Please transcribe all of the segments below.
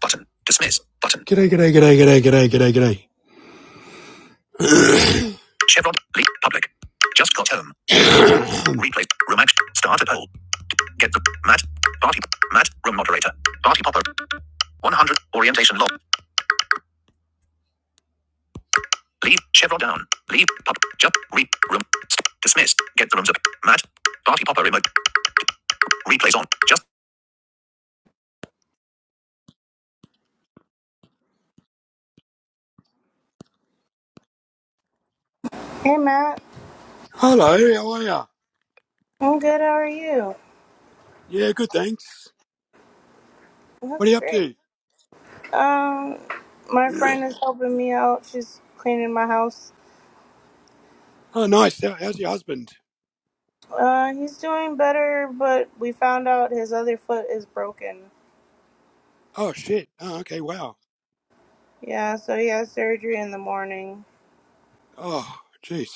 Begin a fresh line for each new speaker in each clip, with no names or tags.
Button. Dismiss. Button. G'day, g'day, g'day, g'day, g'day, g'day, g'day. Chevron. Leak. Public. Just got home. Um. Replay. Room action. Started poll. Get the Matt. Party. Matt. Room moderator. Party popper. 100. Orientation log. Leave. Chevron down. Leave. Pop. Jump. Re. Room. St- dismiss. Get the rooms up. Matt. Party popper remote. Replays on. Just.
Hey Matt,
Hello, how are ya?
I'm good. How are you?
Yeah, good, thanks. What are
That's
you up
great.
to?
Um, my friend is helping me out. She's cleaning my house.
Oh, nice. how's your husband?
Uh, he's doing better, but we found out his other foot is broken.
Oh, shit. Oh, okay, wow.
Yeah, so he has surgery in the morning.
Oh, jeez.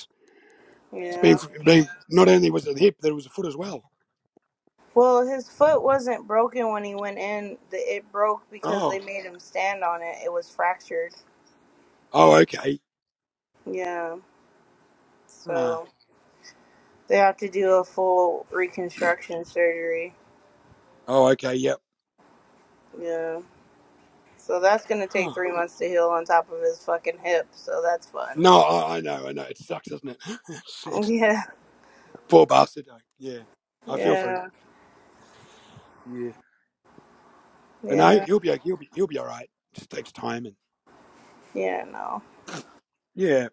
Yeah.
Being, being not only was it the hip, there was a foot as well.
Well, his foot wasn't broken when he went in. The- It broke because they
Oh,
made him stand on it. It was fractured.
oh, okay.
Yeah.
Ah.
So they have to do a full reconstruction surgery.
oh, okay. Yep.
Yeah. So that's gonna take
Huh.
three months to heal on top of his fucking hip. So that's fun.
No, I, I know, I know. It sucks, doesn't it? Shit,
Yeah,
poor bastard. like, Yeah, I feel for him.
yeah,
Yeah, but no,
yeah,
he'll be he'll be he'll be all right. It Just takes time and
yeah. No,
yeah.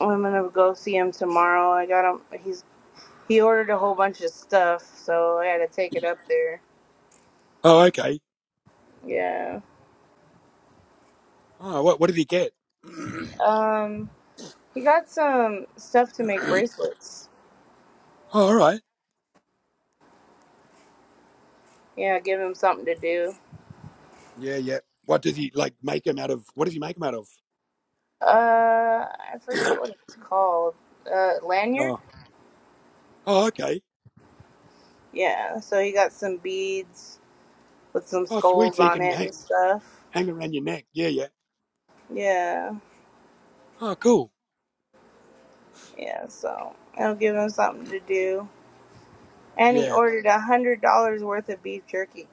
I'm gonna go see him tomorrow. I got him. He's he ordered a whole bunch of stuff, so I had to take it up there.
Oh, okay.
Yeah.
Oh, what what did he get?
Um, he got some stuff to make
oh,
bracelets.
all right.
Yeah, give him something to do.
Yeah, yeah. What does he like? Make him out of what does he make him out of?
Uh, I forget what it's called. Uh, lanyard.
Oh, oh, okay.
Yeah. So he got some beads with some
Oh, sweet.
skulls
So he
on
can
it
hang,
and stuff.
hang around your neck. Yeah, yeah.
Yeah.
Oh, cool.
Yeah, so it'll give him something to do. And he
Yeah.
ordered a hundred dollars worth of beef jerky.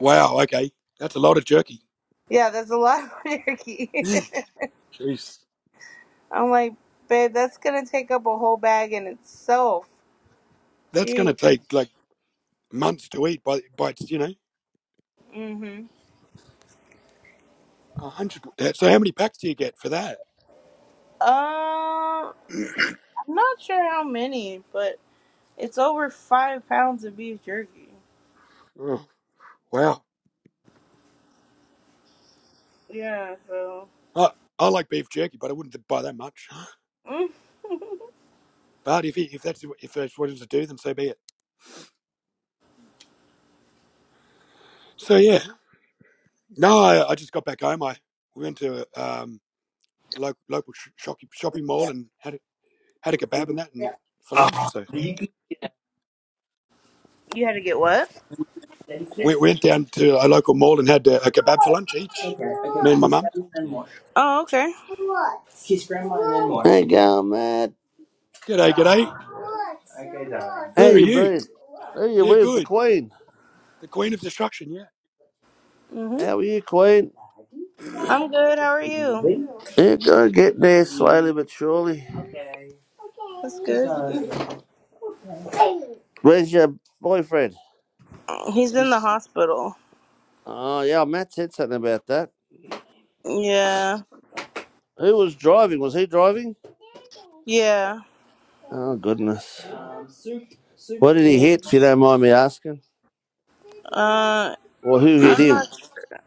Wow. Okay. That's a lot of jerky.
Yeah, that's a lot of jerky.
Jeez.
I'm like, babe, that's gonna take up a whole bag in itself.
That's going to
Jeez.
take like months to eat by, by it's, you know,
Mhm.
a hundred. So how many packs do you get for that?
Um, I'm not sure how many, but it's over five pounds of beef jerky.
Oh, wow.
Yeah, so
I, I like beef jerky, but I wouldn't buy that much.
mm.
But if it, if that's if that's what it's to do, then so be it. So yeah, no, I, I just got back home. I went to um local local sh- shopping shopping mall and had a, had a kebab and that and
Yeah.
for lunch. So
you had to get what?
Daddy
we
Keith.
went down to a local mall and had a, a kebab for lunch each. Me and my
Keith's
mum.
better than Mosh.
Oh, okay.
Keith's grandma and Mosh. Hey, go, Matt.
G'day, g'day.
Nah. How
Where are
you
you?
been? Hey, you
Yeah,
where's the
good.
Queen?
The Queen of Destruction. Yeah,
Mhm.
How are you, Queen?
I'm good. How are you?
Really? You're going get there slowly but surely. Okay.
That's good.
So, Where's your boyfriend?
He's in
he's
the hospital.
Oh, yeah, Matt said something about that.
Yeah.
Who was driving? Was he driving?
Yeah.
Oh, goodness. um, soup, soup. What did he
Yeah.
hit, if you don't mind me asking?
Uh,
Or who hit
I'm
him?
not sure.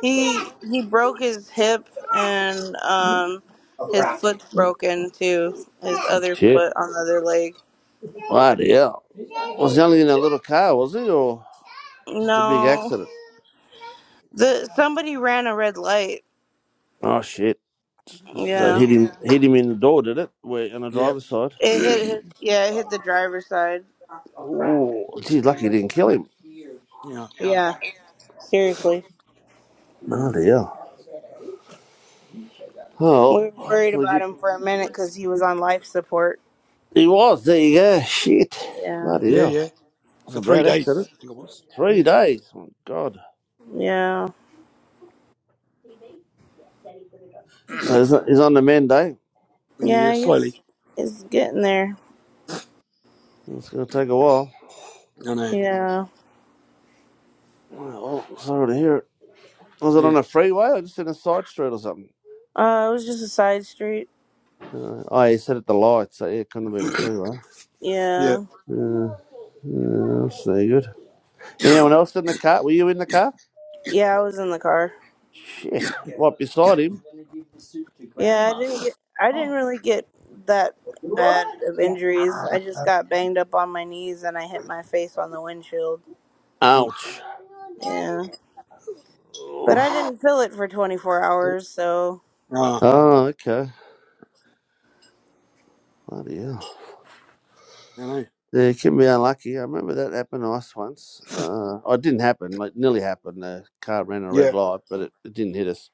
He he broke his hip and um his foot's broken too. His other
Shit.
foot on the other leg.
Bloody hell. Was he only in a little car, was he? Or? It's a big
No.
accident.
The somebody ran a red light.
Oh shit! So it
Yeah.
hit him, hit him in the door, did it? Where on the
yeah,
driver's side?
It hit
yeah,
his, yeah, it hit the driver's side.
Oh, geez, lucky it didn't kill him.
Yeah. Seriously.
Bloody hell!
We
Oh,
were worried
hopefully
about him for a minute cuz he was on life support.
he he was. There you go. Shit!
Yeah.
Bloody
yeah, yeah.
hell! It was
For
a
three
bad
days,
accident.
I think it was.
Three
Yeah,
days. My God.
Yeah.
So he's he's on the mend, eh?
yeah,
Yeah, he's
slowly.
he's getting there.
It's gonna take a while.
I know.
Yeah.
Oh, well, sorry to hear it. Was it
Yeah,
on a freeway or just in a side street or something?
Uh it was just a side street.
Uh, oh, he said at the lights, so yeah, it couldn't have been a freeway.
yeah.
Yeah.
Uh, yeah, that's no good. Anyone else in the car? Were you in the car?
Yeah, I was in the car.
Shit. What, beside him?
Yeah, I didn't get I didn't really get that bad of injuries. I just got banged up on my knees and I hit my face on the windshield.
Oof.
Ouch.
Yeah. But I didn't feel it for 24 hours, so
Ah,
Oh, okay. Bloody hell.
I know.
Yeah, you can be unlucky. I remember that happened to us once. Uh, oh, it didn't happen. It nearly happened. The car ran a red
Yeah.
light, but it, it didn't hit us,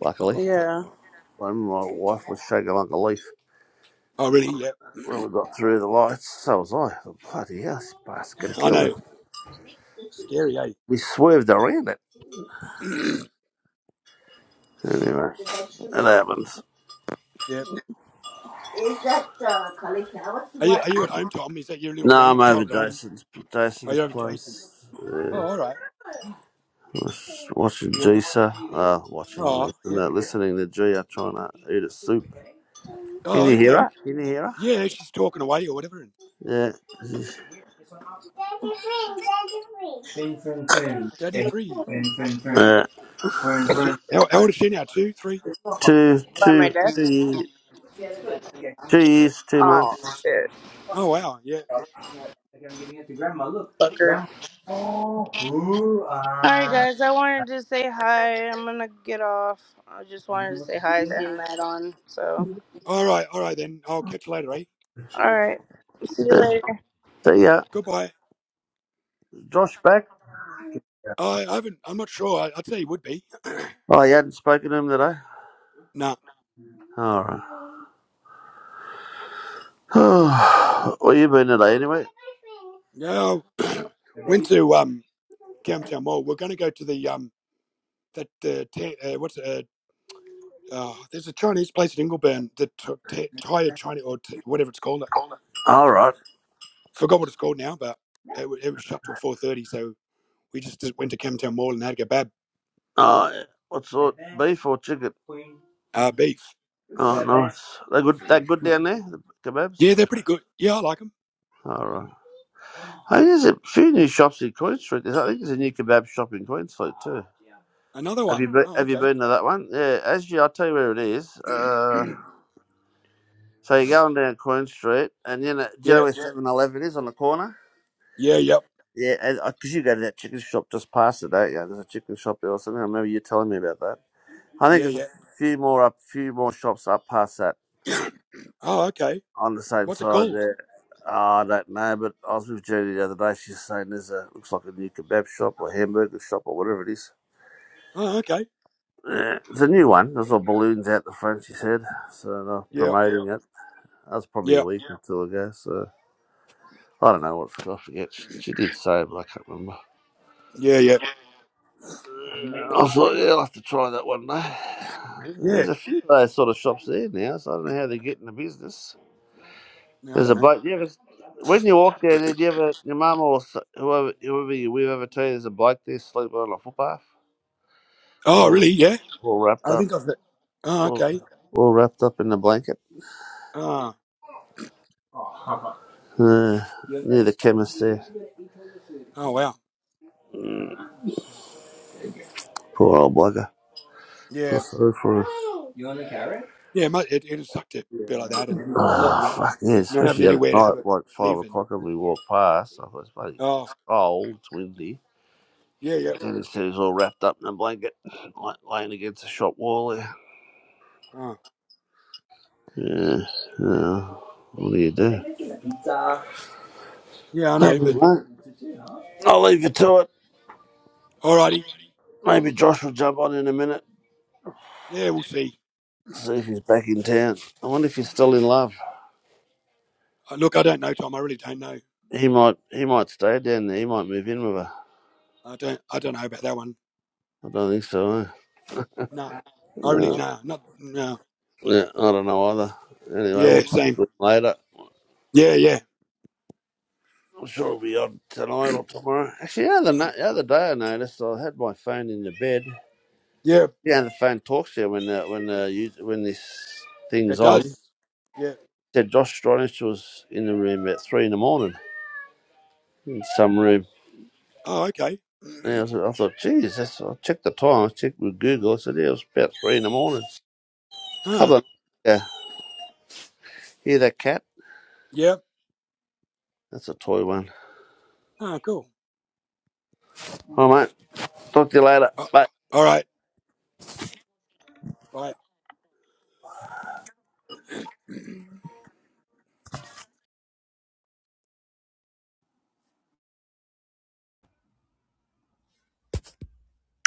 luckily.
yeah.
I remember my wife was shaking like a leaf
Oh, really? Yeah.
when we got through the lights. So was I. Bloody hell, this bastard could have
I
killed
know.
us.
Scary, eh?
We swerved around it. Anyway, it happened.
yeah. Are you Are you at home, Tom? Is that your little
No, I'm over
grandchild at home?
Jason's
Are
Jason's
you over, Jason?
place. Yeah.
Oh, all right.
Was Watching Jisa, uh, watching, listening
Oh, yeah.
to, listening to Gia trying to eat a soup. Can
Oh,
you hear
okay.
her? Can you hear her?
Yeah, she's talking away or whatever. And
Yeah.
Daddy free.
Yeah.
Is it? How, how old is she now? Two, three?
Two,
By my
two, two
desk.
years, two years, two
Oh
months.
shit,
Oh, wow. Yeah.
fucker. All right, guys. I wanted to say hi. I'm gonna get off. I just wanted to say hi. I seen that on. So
All right, all right then. I'll catch you later, eh?
all right. See you
Yeah.
later.
So yeah,
Goodbye.
Josh back. Yeah.
I I haven't. I'm not sure. I, I'd say you would be.
Oh, you hadn't spoken to him today.
nah.
All right. Where you been today, anyway?
No. Went to um Camtown Mall. We're going to go to the um that the ta- uh, what's it, uh, oh, there's a Chinese place in Ingleburn that t- t- tired China or t- whatever it's called. I
All right.
forgot what it's called now, but it, wa- it was shut till four thirty. So we just, just went to Camtown Mall and had a kebab,
Oh, yeah. what sort? Beef or chicken?
uh, beef.
Oh, nice. They good. They good down there. The kebabs.
Yeah, they're pretty good. Yeah, I like them.
All right. Hey, there's a few new shops in Queen Street. There's, I think there's a new kebab shop in Queen Street too.
Another
Have you
one.
been,
Oh,
have you
okay.
been to that one? Yeah, actually, I'll tell you where it is. Uh, so you're going down Queen Street, and you know, do you know
yeah.
where Seven Eleven is on the corner?
Yeah. Yep.
Yeah, because you go to that chicken shop just past it, don't you? There's a chicken shop there or something. I remember you telling me about that. I think
Yeah.
there's a
Yeah.
few more up, few more shops up past that
Oh, okay.
on the same
What's it
side
called?
there. Ah, I don't know, but I was with Judy the other day. She's saying there's a looks like a new kebab shop or hamburger shop or whatever it is.
Oh, okay.
Yeah, it's a new one. There's all balloons out the front. She said so. They're
Yeah,
promoting it. That was probably a
Yeah,
week or two ago. So I don't know what I forget. She she did say, but I can't remember.
yeah, yeah,
I thought, yeah, I'll have to try that one day.
yeah.
There's a few of those sort of shops there now, so I don't know how they're getting the business.
No, I
There's
don't
a
know.
bloke. You ever, when you walk down there, do you ever, your mum or s- whoever, whoever you with ever tell you there's a bloke there sleeping on a footpath,
Oh,
all
really? Yeah.
all wrapped
I
up,
think I've. Oh,
all,
okay.
all wrapped up in a blanket.
Ah,
Uh, near the chemist there.
oh, wow.
Mm, poor old bugger. Feel
Yeah,
sorry for him.
yeah. mu- It it sucked to be like that, and you know,
Oh fuck yeah,
not having
especially the other
anywhere to have
night,
it
like five
live, and
o'clock, and we walked past. I thought, it's bloody,
oh,
it's cold, it's windy.
yeah, yeah.
And it says all wrapped up in a blanket, like laying against the shop wall there.
Oh,
Yeah, yeah. What do you do?
yeah. I
All right,
know, but
mate. I'll leave you to it.
alrighty.
Maybe Josh will jump on in a minute,
Yeah, we'll see.
see if he's back in town. I wonder if he's still in love.
Uh, Look, I don't know, Tom. I really don't know.
He might, he might stay down there. He might move in with her.
I don't. I don't know about that one.
I don't think so.
Nah. I really
Eh?
nah. Not nah.
Yeah, I don't know either. Anyway,
Yeah,
we'll talk
same.
to it later.
Yeah, yeah,
I'm sure it'll be on tonight or tomorrow. Actually, the other, na- the other day I noticed I had my phone in the bed.
yeah.
Yeah, the phone talks to you when uh, when uh, you, when this thing's
It
on. It
does. Yeah.
said Josh Stronach was in the room at three in the morning in some room.
Oh, okay.
And I, was, I thought, geez, that's, I checked the time. I checked with Google. I said, yeah, it was about three in the morning.
Huh.
couple of yeah, hear that cat?
Yep.
That's a toy one.
Huh. Cool.
All right, mate. Talk to you later.
Uh,
Bye.
all right. Right.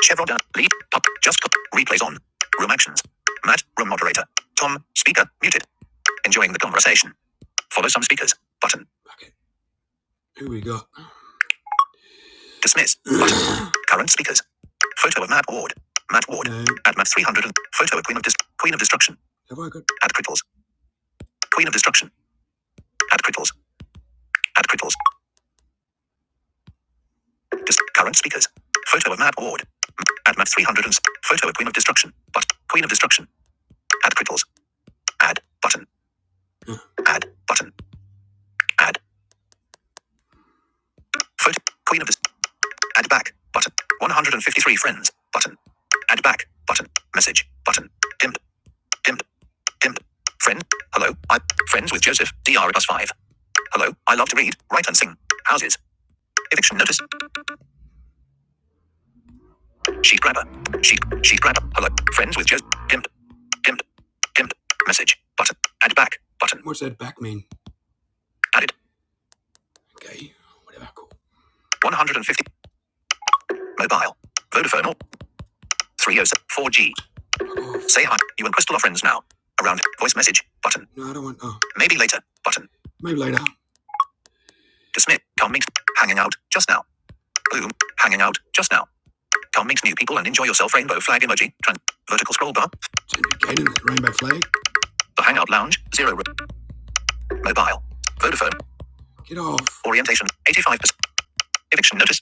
Chevron dot lead. Pop. Just Replays on. Room actions. Matt, room moderator. Tom, speaker, muted. Enjoying the conversation. Follow some speakers. Button. Okay. Who we got? Dismiss. Button. Current speakers. Photo of Matt Ward. Matt Ward. No. At Matt 300. and- Photo of Queen of Dis- Queen of Destruction. Have I got? At Cripples. Queen of Destruction. At Cripples. At Cripples. Dis- current speakers. Photo of Matt Ward. At Matt 300. and Photo of Queen of Destruction. But Queen of Destruction. Add cripples. Add button. Add button. Add foot. Queen of the. Add back button. 153 friends button. Add back button. Message button. Dimmed. Dimmed. Dimmed. Friend. Hello. I friends with Joseph. D R Plus five. Hello. I love to read, write, and sing. Houses. Eviction notice. Sheet grabber. Sheet. Sheet grabber. Hello. Friends with Joseph. Dimmed. Dimmed. Dimmed. Message button. Add back button. What's that back mean? Added. Okay. Whatever. Cool. 150. Mobile. Vodafone. Three oh seven four G. Fuck Say hi. You and Crystal are friends now. Around. Voice message. Button. No, I don't want. Oh, Maybe later. Button. maybe later. Dismiss. Can't meet. Hanging out. Just now. Boom. Hanging out. Just now. Can't meet new people and enjoy yourself. Rainbow flag emoji. Trans. Vertical scroll bar. do rainbow flag. The Hangout Lounge. Zero. re- Mobile. Vodafone. Get off. Orientation. 85%. Eviction notice.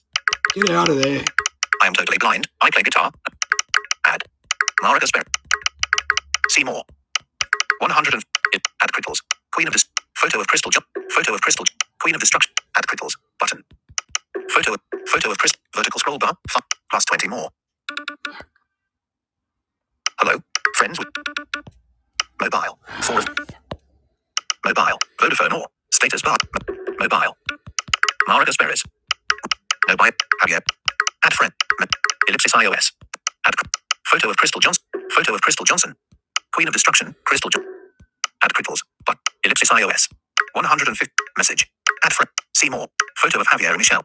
Get out of there. I am totally blind. I play guitar. Add. Mara Casper. See more. 100 and add cripples. Queen of this photo of crystal Photo of crystal Queen of destruction. Add cripples button. Photo photo of crystal vertical scroll bar. Plus 20 more. Hello. Friends with mobile. Four of mobile. Vodafone or status bar. mobile. Mara Gasperis. No buy. Javier. Add friend. ellipsis iOS. Add photo of crystal Johnson. Photo of crystal Johnson. Queen of destruction. Crystal. Ju- add cripples. But ellipsis iOS. 150 message. Add friend. See more. Photo of Javier and Michelle.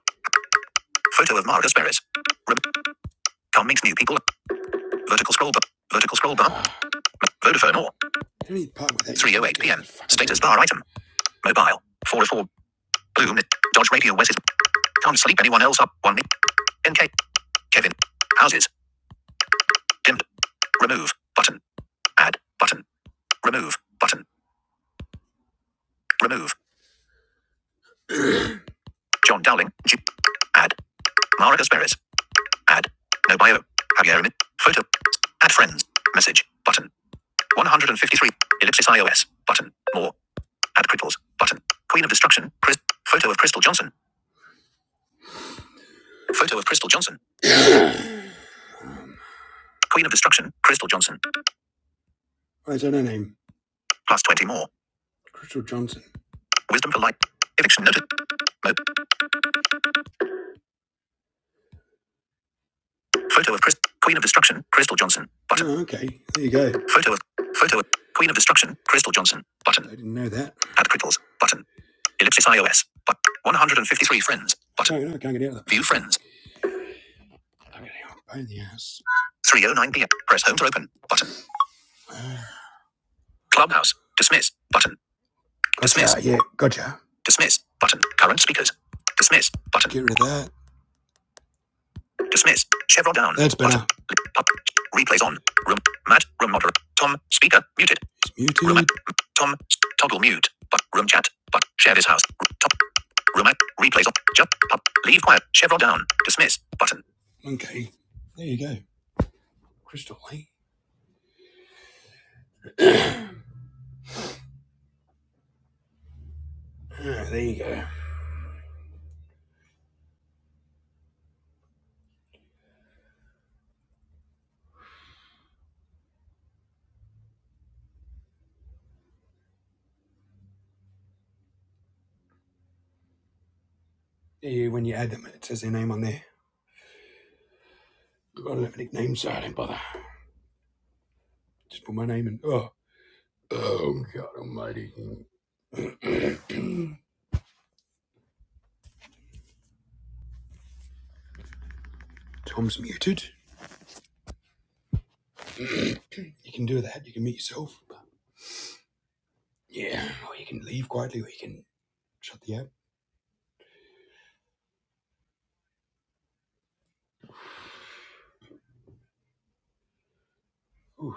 Photo of Mara Asperis. Re- can new people. Vertical scroll bar. Vertical scroll bar. Vodafone or. 3.08 p.m. Status bar item. Mobile. 4 o 4. of Bloom. Dodge Radio West. Can't sleep anyone else up. 1 minute. NK. Kevin. Houses. Dimmed. Remove. Button. Add. Button. Remove. Button. Remove. John Dowling. G- add. Mara Asperis. Add. No bio. Javier Photo. Add friends. Message. Button. 153. Ellipsis iOS. Button. More. Add cripples. Button. Queen of Destruction. Chris. Photo of Crystal Johnson. Photo of Crystal Johnson. Queen of Destruction. Crystal Johnson. I don't know name. Plus 20 more. Crystal Johnson. Wisdom for light. Eviction noted. Mo- Photo of Chris. Queen of Destruction. Crystal Johnson. Button. Oh, okay. There you go. Photo of. Photo of. Queen of Destruction. Crystal Johnson. Button. I didn't know that. Add cripples. Button. Ellipsis iOS. But 153 friends. Button. No, no, I can't get out of that. View friends. I'm gonna- I'm a pain in the ass. 309 p.m. Press home to open. Button. Clubhouse. Dismiss. Button. Dismiss. Gotcha. Yeah. Gotcha. Dismiss. Button. Current speakers. Dismiss. Button. Get rid of that. Dismiss. Chevron down. That's better. Pop. Replays on. Room. Matt. Room moderate. Tom. Speaker. Muted. It's muted. Room. Tom. Toggle mute. But room chat. But share this house. Top. Room. Replays on. Jump. Pop. Leave quiet. Chevron down. Dismiss. Button. Okay. There you go. Crystal Lake. Ah, there you go. Yeah, when you add them, it says their name on there. I don't have a nickname, so I don't bother. Just put my name in. Oh, Oh God Almighty! Tom's muted. You can do that. You can mute yourself. But yeah, or you can leave quietly, or you can shut the app. Ooh,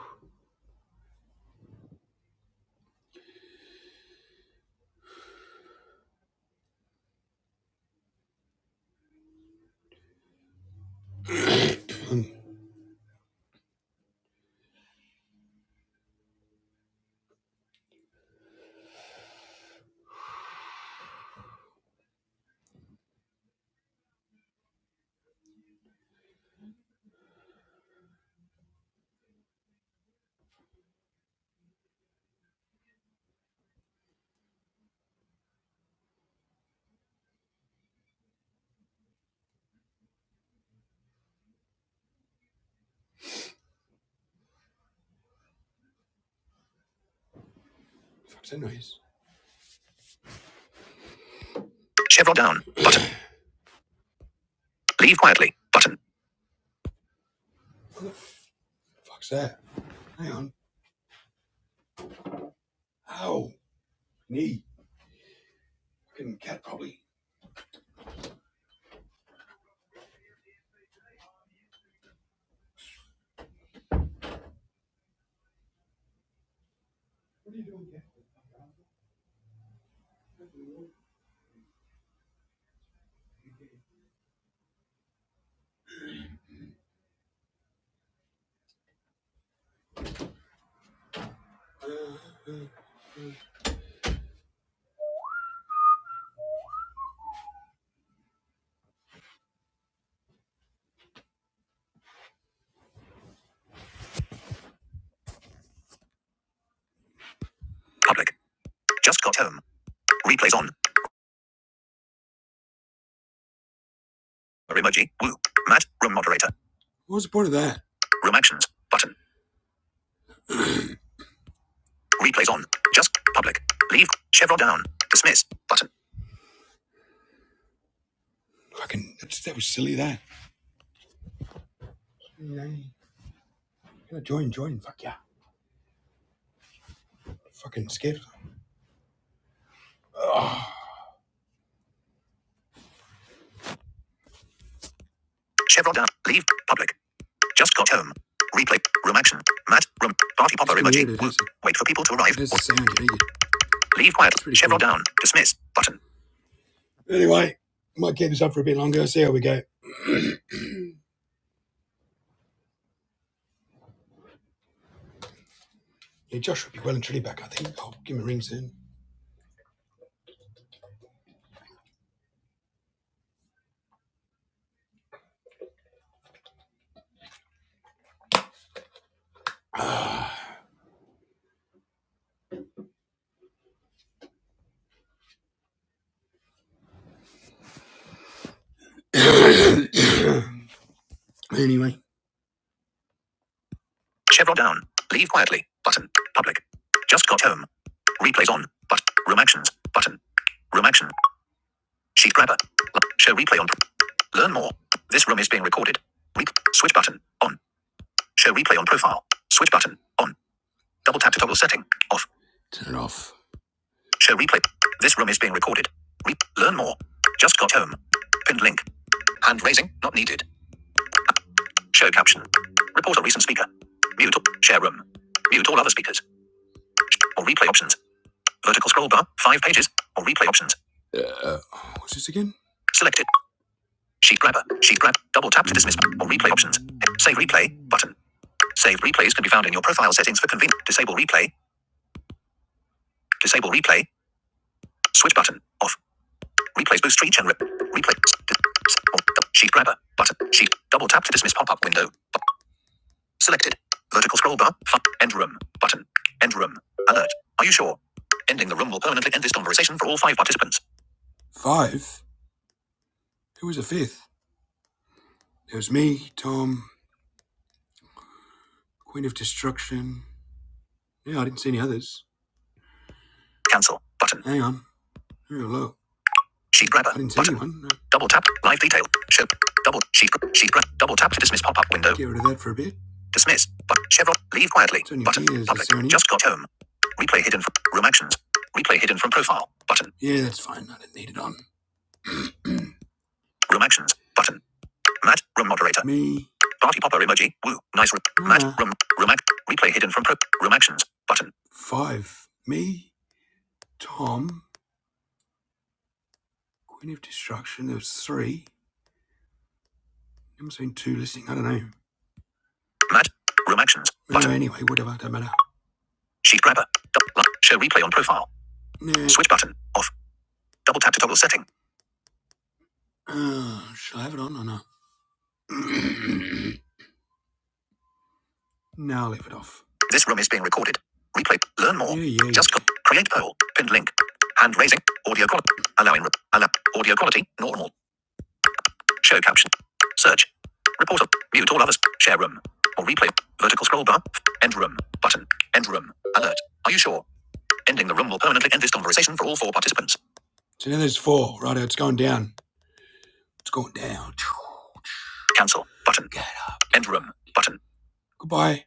um, fuck's that noise? Chevron down. Button. Leave quietly. Button. Fuck's that? Hang on. Ow, knee. Fucking cat probably. Public. Just got home. Replays on. Emoji. Woo. Matt. Room moderator. What was the point of that? Room actions. Button. Replays on. Just public. Leave. Chevron down. Dismiss. Button. Fucking, that's, that was silly, that. Mm. Yeah, join, join. Fuck yeah. Fucking scared. Chevron down. Leave. Public. Just got home. Replay. Room action. Matt. Room. Party popper emoji. Wait for people to arrive. Leave quiet. It's Chevron cool. down. Dismiss. Button. Anyway, I might keep this up for a bit longer. See how we go. Yeah, Josh will be well and truly back, I think. I'll give him a ring soon. anyway. Chevron down. Leave quietly. Button. Public. Just got home. Replays on. But room actions. Button. Room action. Sheet grabber. Show replay on. Learn more. This room is being recorded. Re- switch button. On. Show replay on profile. Switch button. On. Double tap to toggle setting. Off. Show replay. This room is being recorded. Re- Learn more. Just got home. Pinned link. Hand raising. Not needed. Show caption. Report a recent speaker. Mute. Share room. Mute all other speakers. Or replay options. Vertical scroll bar. Five pages. Or replay options. Uh, what's this again? Selected. Sheet grabber. Sheet grab. Double tap to dismiss or replay options. Save replay button. Save replays can be found in your profile settings for convenience. Disable replay. Disable replay. Switch button. Off. Replays boost reach and rip. Replay. Sheet grabber. Button. Sheet. Double tap to dismiss pop up window. Selected. Vertical scroll bar. End room. Button. End room. Alert. Are you sure? Ending the room will permanently end this conversation for all five participants. Five? Who was the fifth? It was me, Tom, Queen of Destruction. Yeah, I didn't see any others. Cancel. Button. Hang on. Here, look. Sheet grabber. I didn't see Button. one. Uh, Double tap. Live detail. Ship. Double. Sheet. Sheet grab. Double tap to dismiss pop-up window. Get rid of that for a bit. Dismiss. But Chevron. Leave quietly. Button. Public. Just got home. Replay hidden. From, room actions. Replay hidden from profile. Button. Yeah, that's fine. I didn't need it on. Room actions. Button. Matt. Room moderator. Me. Party popper emoji. Woo. Nice room. Uh, Matt. Ah. Room. Room act. Replay hidden from pro. Room actions. Button. Five. Me. Tom. Queen of Destruction, there's three. I'm saying two listing. I don't know. Match. Room actions. No, anyway, whatever. Don't matter. Sheet grabber. Double. lock. Show replay on profile. No. Switch button. Off. Double tap to toggle setting. Uh, should I have it on or not? now I'll leave it off. This room is being recorded. Replay. Learn more. Yeah, yeah. Just click. create poll. Pinned link. Hand raising. Audio quality. Allowing. Allow. Audio quality. Normal. Show caption. Search. Report. Mute all others. Share room. Or replay. Vertical scroll bar. End room. Button. End room. Alert. Are you sure? Ending the room will permanently end this conversation for all four participants. So now there's four. Right, it's going down. It's going down. Cancel. Button. End room. Button. Goodbye.